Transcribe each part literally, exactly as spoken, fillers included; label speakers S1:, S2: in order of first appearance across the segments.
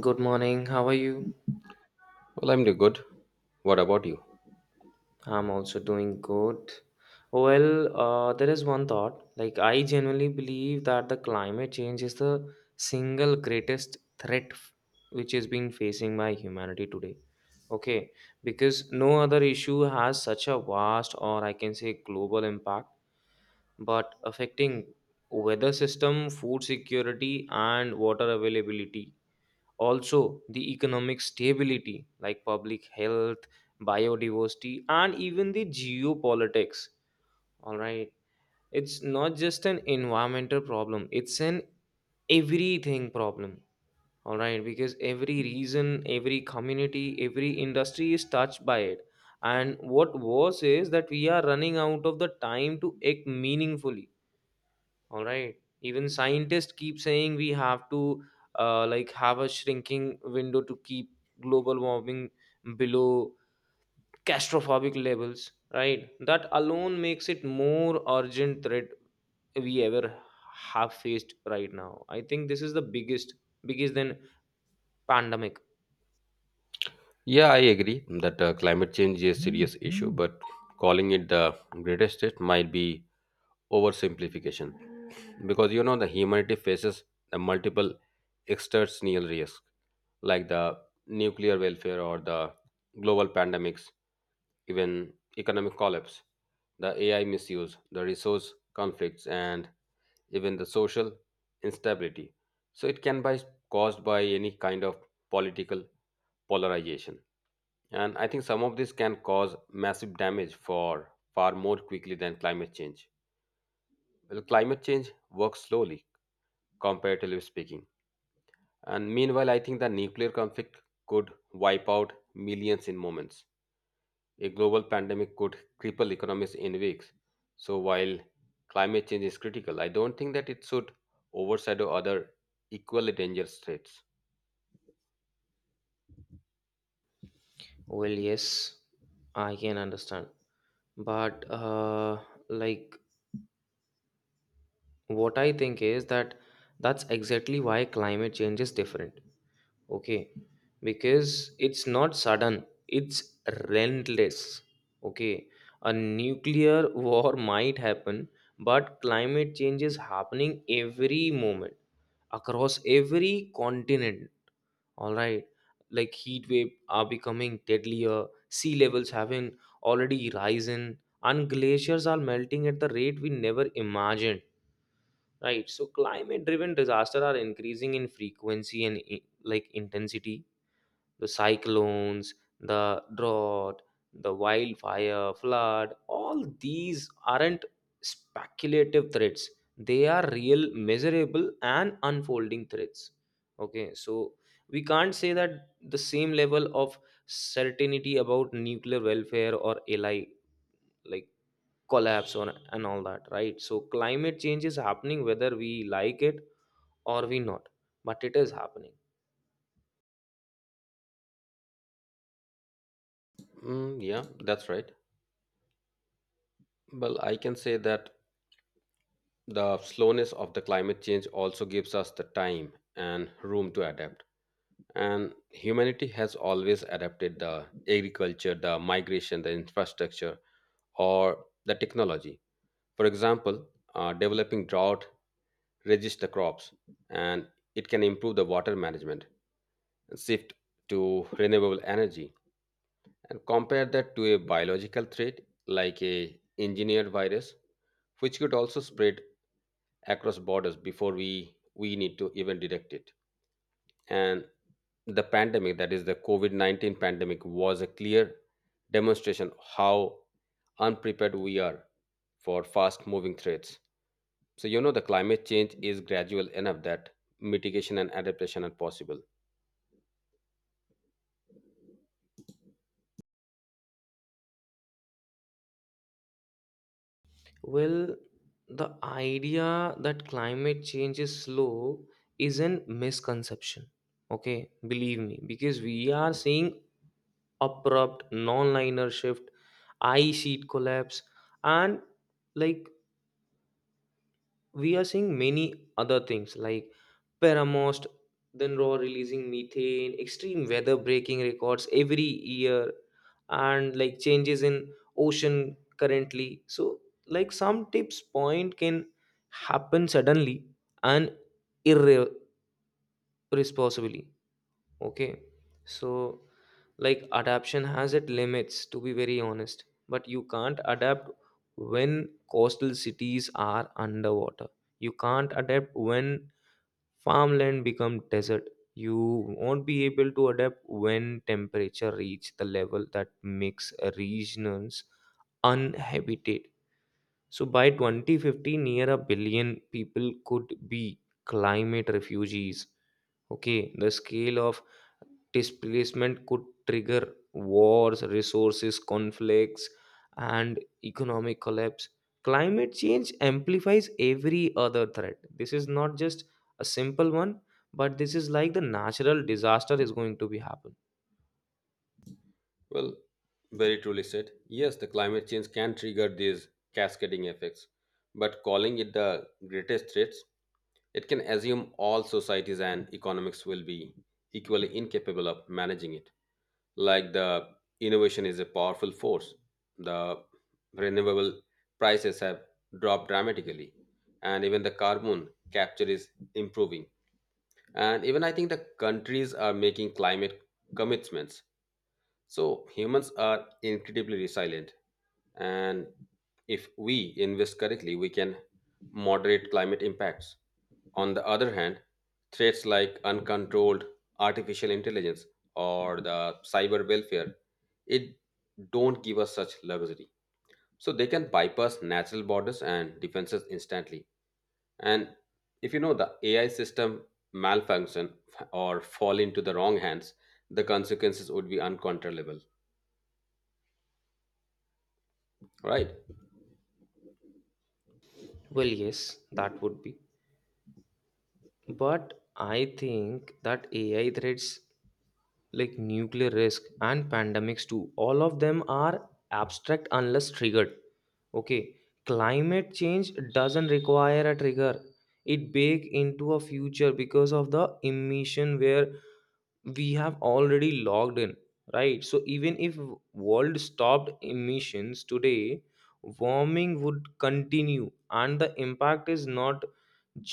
S1: Good morning. How are you?
S2: Well, I'm doing good. What about you?
S1: I'm also doing good. Well, uh, there is one thought. Like, I genuinely believe that the climate change is the single greatest threat f- which is being facing by humanity today. Okay, because no other issue has such a vast or I can say global impact, but affecting weather system, food security, and water availability, also the economic stability, like public health, biodiversity, and even the geopolitics. All right, it's not just an environmental problem, it's an everything problem. All right, because every region, every community, every industry is touched by it. And what worse is that we are running out of the time to act meaningfully, all right. Even scientists keep saying we have to uh, like have a shrinking window to keep global warming below catastrophic levels, right? That alone makes it more urgent threat we ever have faced right now. I think this is the biggest, biggest than pandemic.
S2: Yeah, I agree that uh, climate change is a serious issue, but calling it the greatest threat might be oversimplification because you know the humanity faces the multiple external risks like the nuclear welfare or the global pandemics, even economic collapse, the A I misuse, the resource conflicts, and even the social instability. So it can be caused by any kind of political polarization. And I think some of this can cause massive damage for far more quickly than climate change. Well, climate change works slowly, comparatively speaking. And meanwhile, I think the nuclear conflict could wipe out millions in moments. A global pandemic could cripple economies in weeks. So while climate change is critical, I don't think that it should overshadow other equally dangerous threats.
S1: Well, yes, I can understand. But uh, like what I think is that that's exactly why climate change is different. Okay, because it's not sudden, it's relentless. Okay, a nuclear war might happen, but climate change is happening every moment across every continent, all right. Like heat wave are becoming deadlier, sea levels having already risen, and glaciers are melting at the rate we never imagined, right? So climate driven disasters are increasing in frequency and i- like intensity. The cyclones, the drought, the wildfire, flood, all these aren't speculative threats. They are real, measurable, and unfolding threats. Okay, so we can't say that the same level of certainty about nuclear welfare or L I, like collapse or and all that, right? So climate change is happening whether we like it or we not, but it is happening.
S2: Mm, yeah, that's right. Well, I can say that the slowness of the climate change also gives us the time and room to adapt, and humanity has always adapted the agriculture, the migration, the infrastructure or the technology. For example, uh, developing drought resists the crops, and it can improve the water management and shift to renewable energy. And compare that to a biological threat like a engineered virus which could also spread across borders before we we need to even detect it. And the pandemic, that is the covid nineteen pandemic, was a clear demonstration how unprepared we are for fast moving threats. So you know the climate change is gradual enough that mitigation and adaptation are possible.
S1: Well, the idea that climate change is slow is a misconception. Okay, believe me, because we are seeing abrupt non-linear shift, ice sheet collapse, and like we are seeing many other things like paramost, then raw releasing methane, extreme weather breaking records every year, and like changes in ocean currently. So like some tips point can happen suddenly and irre- irresponsibly. Okay. So, like, adaptation has its limits, to be very honest. But you can't adapt when coastal cities are underwater. You can't adapt when farmland become desert. You won't be able to adapt when temperature reach the level that makes regions uninhabited. So by twenty fifty, near a billion people could be climate refugees. Okay, the scale of displacement could trigger wars, resources, conflicts, and economic collapse. Climate change amplifies every other threat. This is not just a simple one, but this is like the natural disaster is going to be happen.
S2: Well, very truly said, yes, the climate change can trigger these cascading effects, but calling it the greatest threats, it can assume all societies and economics will be equally incapable of managing it. Like the innovation is a powerful force. The renewable prices have dropped dramatically, and even the carbon capture is improving. And even I think the countries are making climate commitments. So humans are incredibly resilient, and if we invest correctly we can moderate climate impacts. On the other hand, threats like uncontrolled artificial intelligence or the cyber welfare, it don't give us such luxury, so they can bypass natural borders and defenses instantly. And if you know the AI system malfunction or fall into the wrong hands, the consequences would be uncontrollable, right?
S1: Well, yes, that would be. But I think that A I threats like nuclear risk and pandemics too, all of them are abstract unless triggered. Okay, climate change doesn't require a trigger, it bake into a future because of the emission where we have already logged in, right? So even if world stopped emissions today, warming would continue, and the impact is not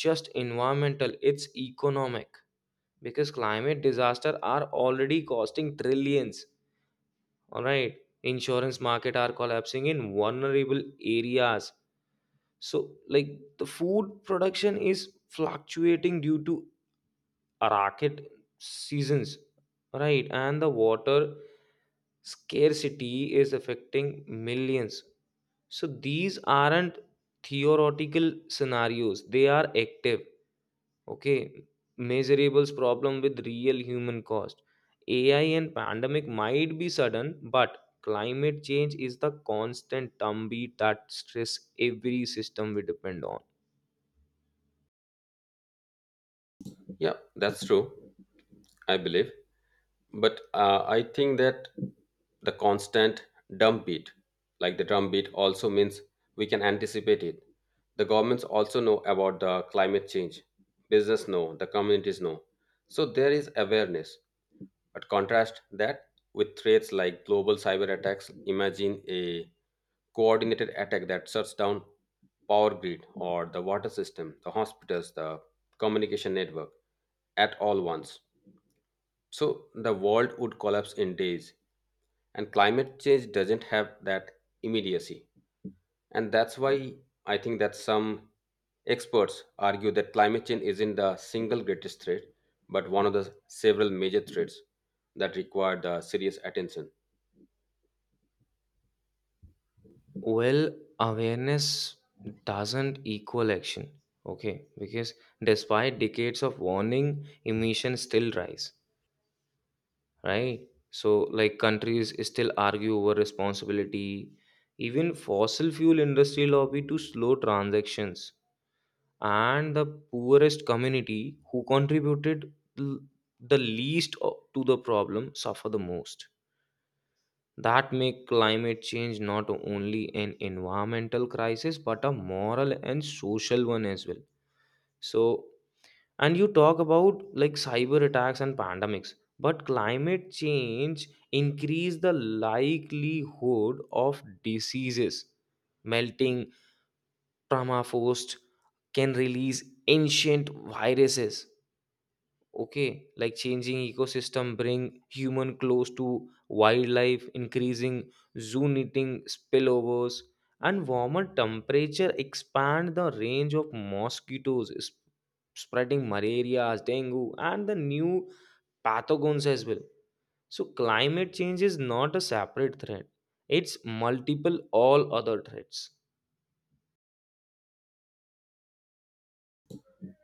S1: just environmental, it's economic, because climate disasters are already costing trillions, all right. Insurance market are collapsing in vulnerable areas. So like the food production is fluctuating due to rocket seasons, right? And the water scarcity is affecting millions. So these aren't theoretical scenarios, they are active. Okay, measurables problem with real human cost. A I and pandemic might be sudden, but climate change is the constant drumbeat that stress every system we depend on.
S2: Yeah, that's true, I believe, but uh, I think that the constant drum beat, like the drum beat also means we can anticipate it. The governments also know about the climate change, business know, the communities know, so there is awareness. But contrast that with threats like global cyber attacks. Imagine a coordinated attack that shuts down power grid or the water system, the hospitals, the communication network at all once. So the world would collapse in days, and climate change doesn't have that immediacy. And that's why I think that some experts argue that climate change isn't the single greatest threat, but one of the several major threats that require the serious attention.
S1: Well, awareness doesn't equal action. Okay, because despite decades of warning, emissions still rise. Right. So, like countries still argue over responsibility. Even fossil fuel industry lobby to slow transactions, and the poorest community who contributed l- the least o- to the problem suffer the most. That make climate change not only an environmental crisis but a moral and social one as well. So, and you talk about like cyber attacks and pandemics, but climate change increase the likelihood of diseases. Melting permafrost can release ancient viruses. Okay, like changing ecosystem bring human close to wildlife, increasing zoo knitting spillovers, and warmer temperature expand the range of mosquitoes sp- spreading malaria, dengue, and the new pathogens as well. So climate change is not a separate threat, it's multiple all other threats.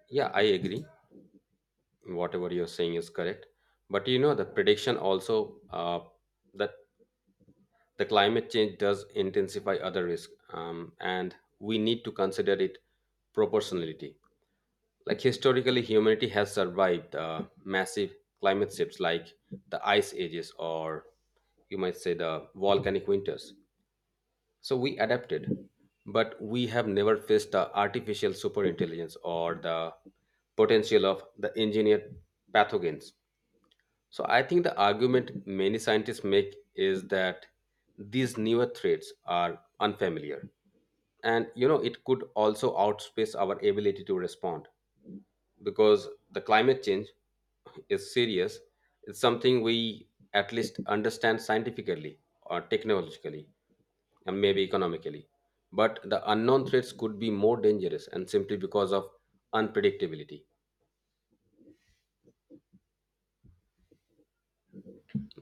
S2: Yeah, I agree. Whatever you're saying is correct. But you know, the prediction also uh, that the climate change does intensify other risk, um, and we need to consider it proportionality. Like historically, humanity has survived uh, massive climate shifts like the ice ages, or you might say the volcanic winters. So we adapted, but we have never faced the artificial superintelligence or the potential of the engineered pathogens. So I think the argument many scientists make is that these newer threats are unfamiliar, and you know it could also outspace our ability to respond. Because the climate change is serious. It's something we at least understand scientifically or technologically and maybe economically. But the unknown threats could be more dangerous and simply because of unpredictability.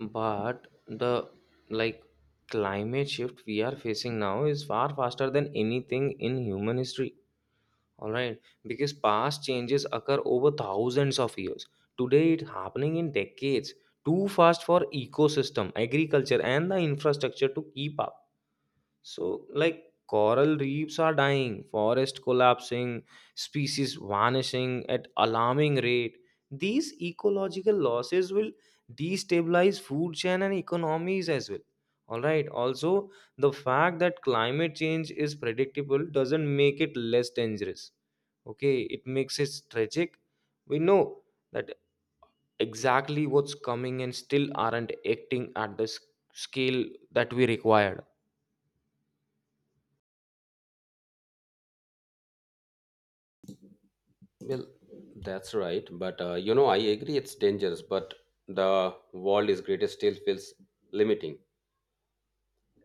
S1: But the like climate shift we are facing now is far faster than anything in human history. All right, because past changes occur over thousands of years. Today it's happening in decades. Too fast for ecosystem, agriculture, and the infrastructure to keep up. So, like coral reefs are dying, forest collapsing, species vanishing at alarming rate. These ecological losses will destabilize food chain and economies as well. All right. Also, the fact that climate change is predictable doesn't make it less dangerous. Okay, it makes it tragic. We know that exactly what's coming, and still aren't acting at the s- scale that we required.
S2: Well, that's right. But uh, you know, I agree it's dangerous, but the world is greatest still feels limiting.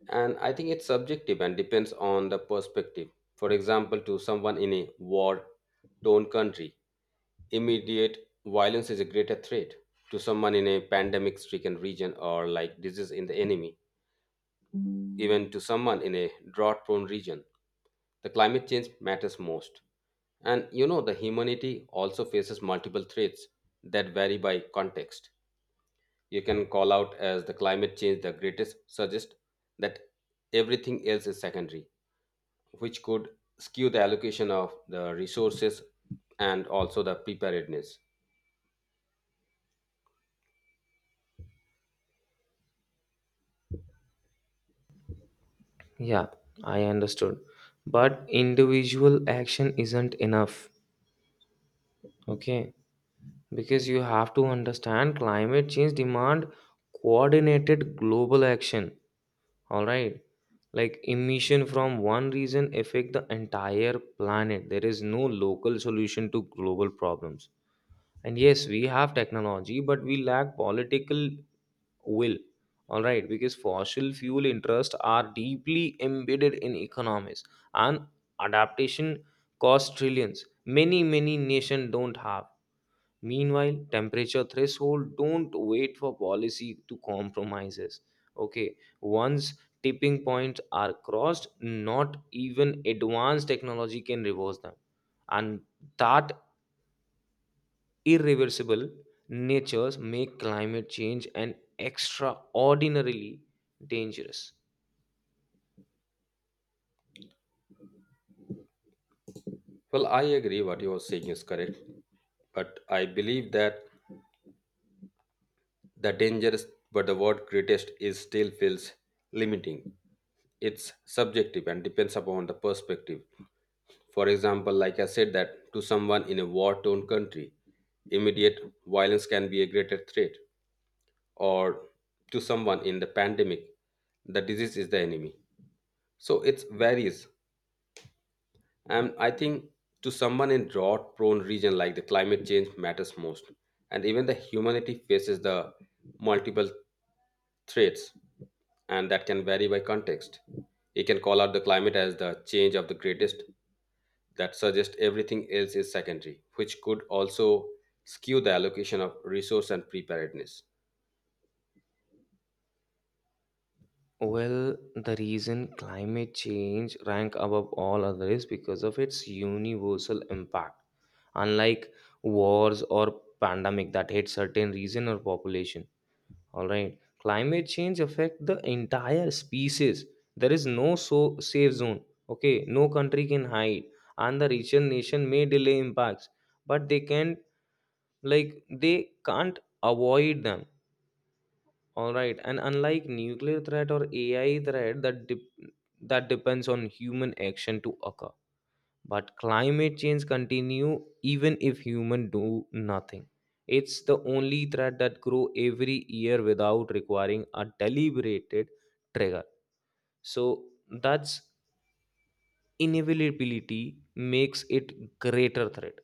S2: And I think it's subjective and depends on the perspective. For example, to someone in a war torn country, immediate violence is a greater threat. To someone in a pandemic stricken region or like disease in the enemy, even to someone in a drought prone region, the climate change matters most. And you know the humanity also faces multiple threats that vary by context. You can call out as the climate change the greatest, suggest that everything else is secondary, which could skew the allocation of the resources and also the preparedness.
S1: Yeah, I understood. But individual action isn't enough, okay? Because you have to understand climate change demand coordinated global action, all right? Like emission from one region affect the entire planet. There is no local solution to global problems. And yes, we have technology, but we lack political will, all right, because fossil fuel interests are deeply embedded in economies, and adaptation costs trillions many many nations don't have. Meanwhile temperature threshold don't wait for policy to compromises. Okay, once tipping points are crossed, not even advanced technology can reverse them. And that irreversible natures make climate change an extraordinarily dangerous.
S2: Well, I agree what you are saying is correct, but I believe that the dangerous, but the word greatest is still feels limiting. It's subjective and depends upon the perspective. For example, like I said that to someone in a war-torn country, immediate violence can be a greater threat, or to someone in the pandemic, the disease is the enemy. So it varies. And I think to someone in drought prone region, like the climate change matters most. And even the humanity faces the multiple threats, and that can vary by context. You can call out the climate as the change of the greatest, that suggests everything else is secondary, which could also skew the allocation of resource and preparedness.
S1: Well, the reason climate change rank above all other is because of its universal impact. Unlike wars or pandemic that hit certain region or population, all right, climate change affect the entire species. There is no so safe zone. Okay, no country can hide, and the region nation may delay impacts, but they can, like they can't avoid them, all right. And unlike nuclear threat or ai threat that dep- that depends on human action to occur, but climate change continue even if human do nothing. It's the only threat that grow every year without requiring a deliberated trigger. So that's inevitability makes it greater threat.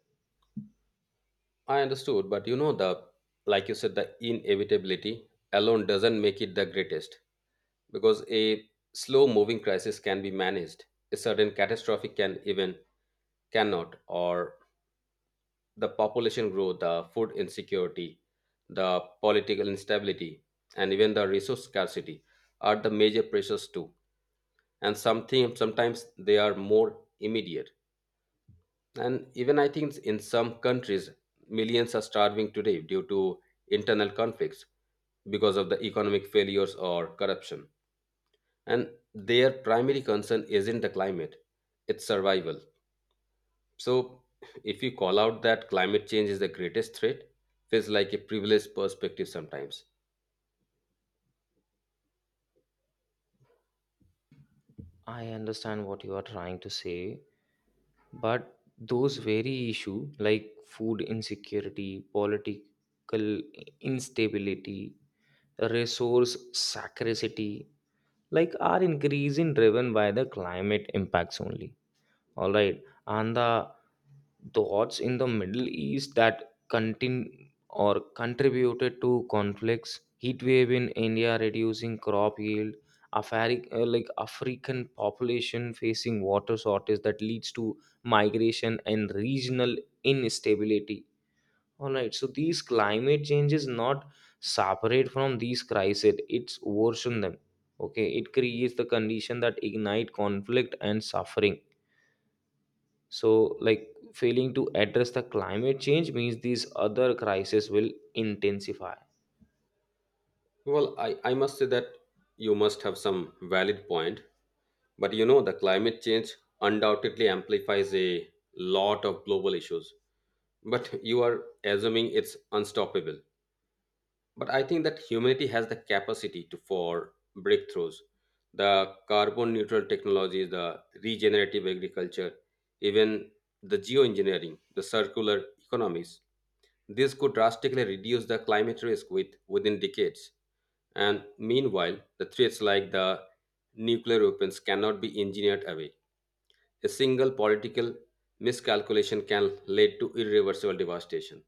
S2: I understood, but you know, the like you said, the inevitability alone doesn't make it the greatest. Because a slow moving crisis can be managed, a sudden catastrophic can even cannot, or the population growth, the food insecurity, the political instability, and even the resource scarcity are the major pressures too. And something sometimes they are more immediate. And even I think in some countries, millions are starving today due to internal conflicts because of the economic failures or corruption, and their primary concern isn't the climate, it's survival. So if you call out that climate change is the greatest threat, feels like a privileged perspective sometimes.
S1: I understand what you are trying to say. But those very issue like food insecurity, political instability, resource scarcity, like are increasing driven by the climate impacts only. All right. And the thoughts in the Middle East that continue or contributed to conflicts, heat wave in India reducing crop yield, Afari- uh, like African population facing water shortage that leads to migration and regional instability. All right. So these climate changes not separate from these crises; it's worsen them. Okay, it creates the condition that ignite conflict and suffering. So like failing to address the climate change means these other crises will intensify.
S2: Well i, I must say that you must have some valid point, but you know the climate change undoubtedly amplifies a lot of global issues, but you are assuming it's unstoppable. But I think that humanity has the capacity to for breakthroughs. The carbon neutral technologies, the regenerative agriculture, even the geoengineering, the circular economies. This could drastically reduce the climate risk with, within decades. And meanwhile, the threats like the nuclear weapons cannot be engineered away. A single political miscalculation can lead to irreversible devastation.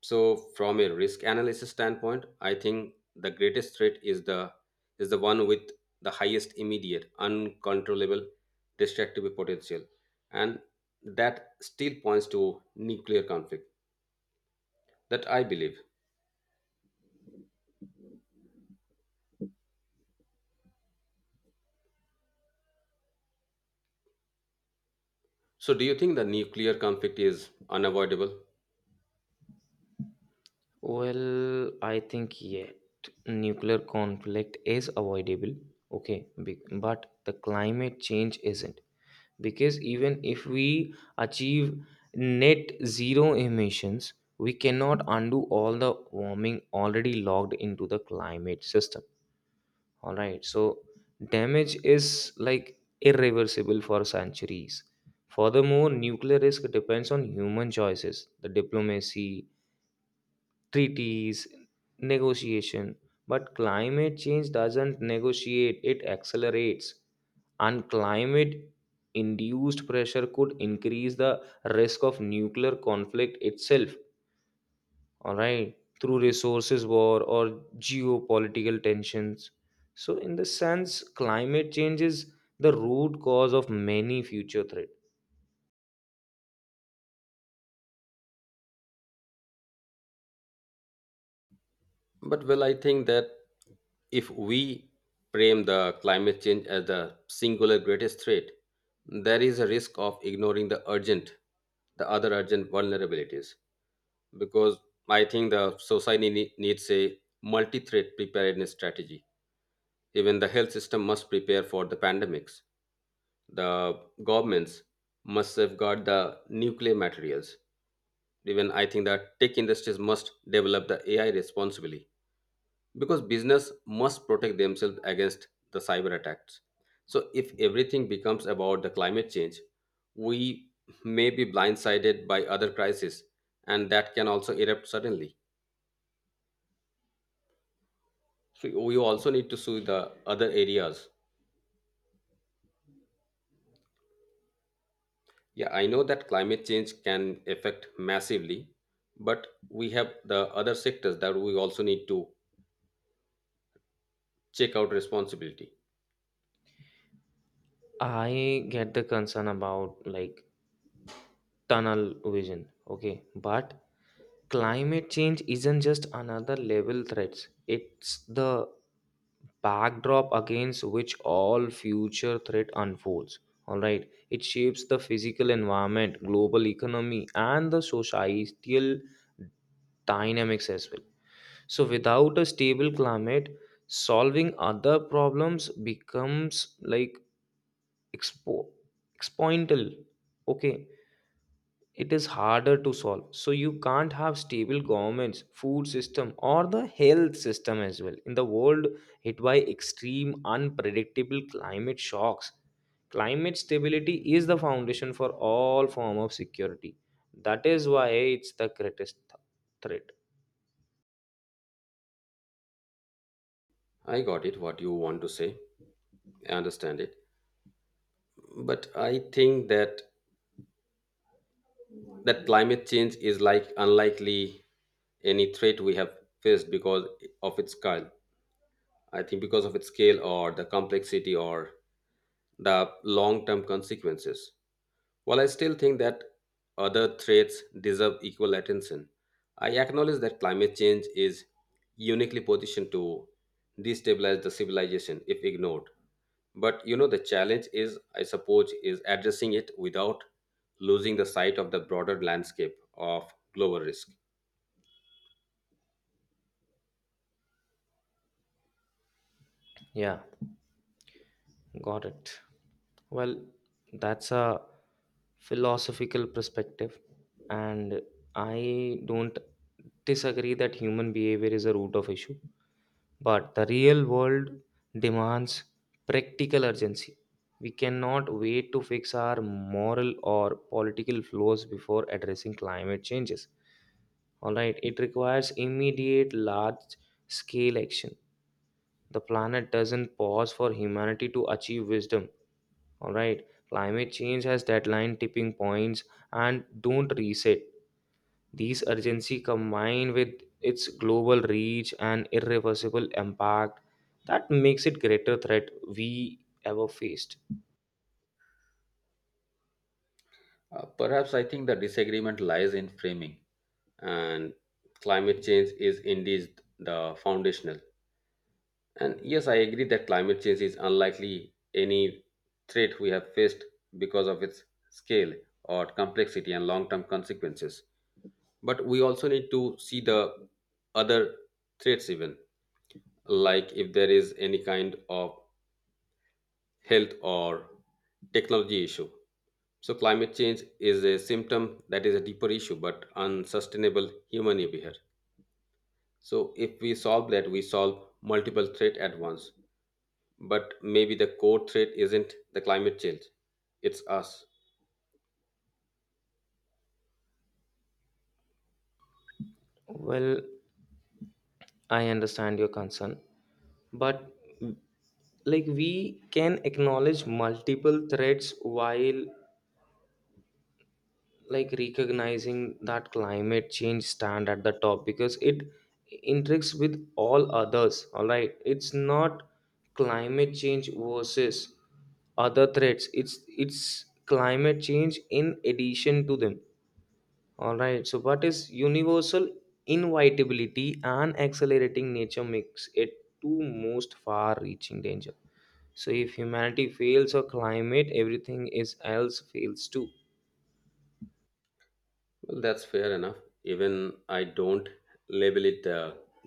S2: So from a risk analysis standpoint, I think the greatest threat is the is the one with the highest immediate uncontrollable destructive potential, and that still points to nuclear conflict, that I believe. So do you think the nuclear conflict is unavoidable?
S1: Well, I think yet nuclear conflict is avoidable. Okay, be- but the climate change isn't, because even if we achieve net zero emissions, we cannot undo all the warming already logged into the climate system. All right. So damage is like irreversible for centuries. Furthermore, nuclear risk depends on human choices, the diplomacy, treaties, negotiation. But climate change doesn't negotiate, it accelerates. And climate induced pressure could increase the risk of nuclear conflict itself, all right, through resources war or geopolitical tensions. So in the sense climate change is the root cause of many future threats.
S2: But well, I think that if we frame the climate change as the singular greatest threat, there is a risk of ignoring the urgent, the other urgent vulnerabilities. Because I think the society nee- needs a multi-threat preparedness strategy. Even the health system must prepare for the pandemics. The governments must safeguard the nuclear materials. Even I think the tech industries must develop the A I responsibly, because business must protect themselves against the cyber attacks. So if everything becomes about the climate change, we may be blindsided by other crises, and that can also erupt suddenly. So we also need to see the other areas. Yeah, I know that climate change can affect massively, but we have the other sectors that we also need to check out responsibility.
S1: I get the concern about like tunnel vision. Okay, but climate change isn't just another level threats, it's the backdrop against which all future threat unfolds, all right. It shapes the physical environment, global economy, and the societal dynamics as well. So without a stable climate, solving other problems becomes like expo exponential. Okay, it is harder to solve. So you can't have stable governments, food system, or the health system as well in the world hit by extreme unpredictable climate shocks. Climate stability is the foundation for all form of security. That is why it's the greatest th- threat.
S2: I got it what you want to say, I understand it, but I think that that climate change is like unlikely any threat we have faced because of its scale. I think because of its scale or the complexity or the long term consequences. While I still think that other threats deserve equal attention, I acknowledge that climate change is uniquely positioned to destabilize the civilization if ignored. But you know, the challenge is, I suppose, is addressing it without losing the sight of the broader landscape of global risk.
S1: Yeah, got it. Well, that's a philosophical perspective, and I don't disagree that human behavior is a root of issue. But the real world demands practical urgency. We cannot wait to fix our moral or political flaws before addressing climate changes. All right, it requires immediate large scale action. The planet doesn't pause for humanity to achieve wisdom. All right, climate change has deadline tipping points and don't reset. These urgency combined with its global reach and irreversible impact, that makes it greater threat we ever faced.
S2: Uh, perhaps I think the disagreement lies in framing, and climate change is indeed the foundational. And yes, I agree that climate change is unlikely any threat we have faced because of its scale or complexity and long term consequences. But we also need to see the other threats, even like if there is any kind of health or technology issue. So, climate change is a symptom that is a deeper issue, but unsustainable human behavior. So, if we solve that, we solve multiple threat at once. But maybe the core threat isn't the climate change, it's us.
S1: Well, I understand your concern, but like we can acknowledge multiple threats while like recognizing that climate change stand at the top because it intersects with all others, all right. It's not climate change versus other threats, it's it's climate change in addition to them, all right. So what is universal inevitability and accelerating nature makes it two most far reaching danger. So if humanity fails or climate, everything is else fails too.
S2: Well, that's fair enough. Even I don't label it the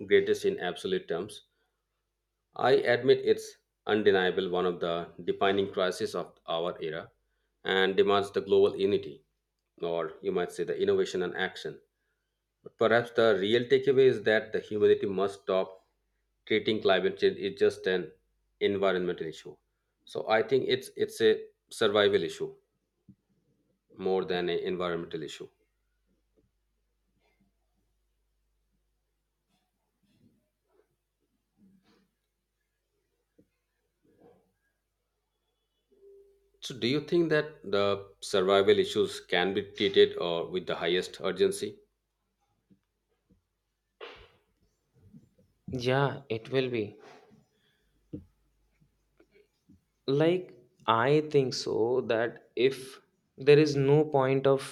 S2: greatest in absolute terms. I admit it's undeniable one of the defining crises of our era, and demands the global unity, or you might say the innovation and action. But perhaps the real takeaway is that the humanity must stop treating climate change is just an environmental issue. So I think it's it's a survival issue more than an environmental issue. So, do you think that the survival issues can be treated or with the highest urgency?
S1: Yeah, it will be, like, I think so that if there is no point of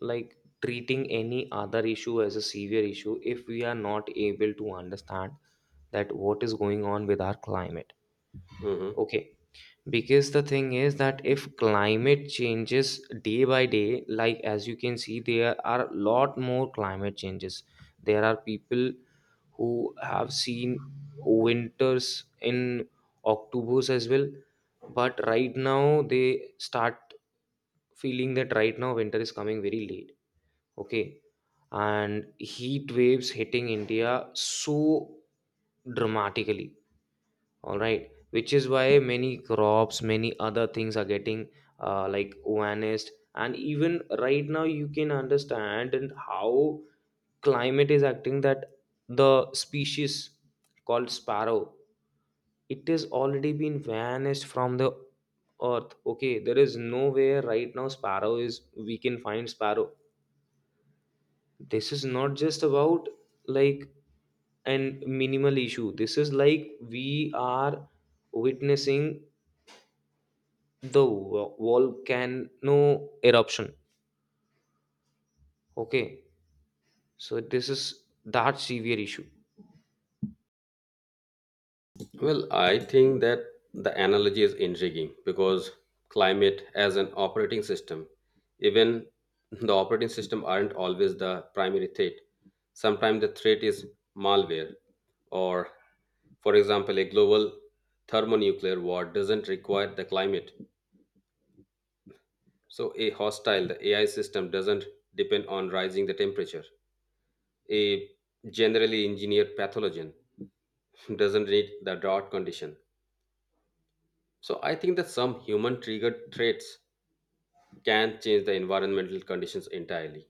S1: like treating any other issue as a severe issue if we are not able to understand that what is going on with our climate.
S2: Hmm.
S1: Okay, because the thing is that if climate changes day by day, like as you can see, there are a lot more climate changes. There are people who have seen winters in October's as well, but right now they start feeling that right now winter is coming very late. Okay, and heat waves hitting India so dramatically, all right, which is why many crops, many other things are getting uh, like vanished. And even right now you can understand and how climate is acting, that the species called sparrow, it is already been vanished from the earth. Okay, there is nowhere right now sparrow is, we can find sparrow. This is not just about like an minimal issue, this is like we are witnessing the vo- volcano eruption. Okay, so this is that severe issue.
S2: Well, I think that the analogy is intriguing because climate as an operating system, even the operating system aren't always the primary threat. Sometimes the threat is malware, or for example, a global thermonuclear war doesn't require the climate. So a hostile the A I system doesn't depend on rising the temperature. A generally engineered pathogen doesn't need the drought condition. So I think that some human triggered threats can change the environmental conditions entirely.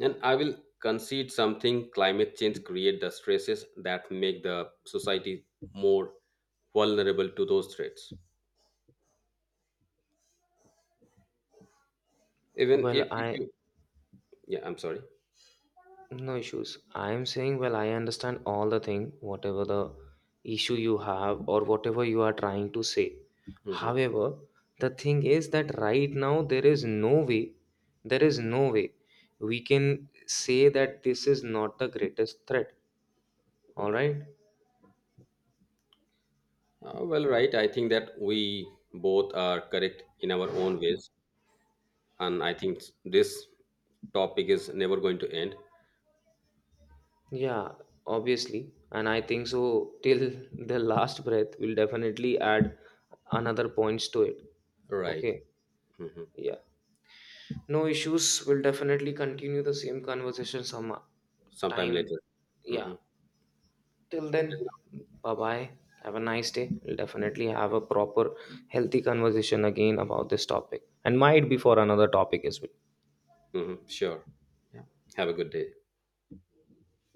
S2: And I will concede something climate change create the stresses that make the society more vulnerable to those threats. Even
S1: Well,
S2: if, if
S1: I,
S2: you yeah, I'm sorry.
S1: no issues, I am saying, well, I understand all the thing, whatever the issue you have or whatever you are trying to say.
S2: Mhm.
S1: However, the thing is that right now there is no way, there is no way we can say that this is not the greatest threat, all right.
S2: Uh, well, right. I think that we both are correct in our own ways, and I think this topic is never going to end.
S1: Yeah, obviously. And I think so till the last breath, we'll definitely add another points to it.
S2: Right.
S1: Okay.
S2: Hmm.
S1: Yeah. No issues. We'll definitely continue the same conversation some
S2: Sometime
S1: time.
S2: later.
S1: Yeah.
S2: Hmm.
S1: Till then, bye bye. Have a nice day. We'll definitely have a proper, healthy conversation again about this topic. And might be for another topic as well.
S2: Hmm. Sure. Yeah. Have a good day.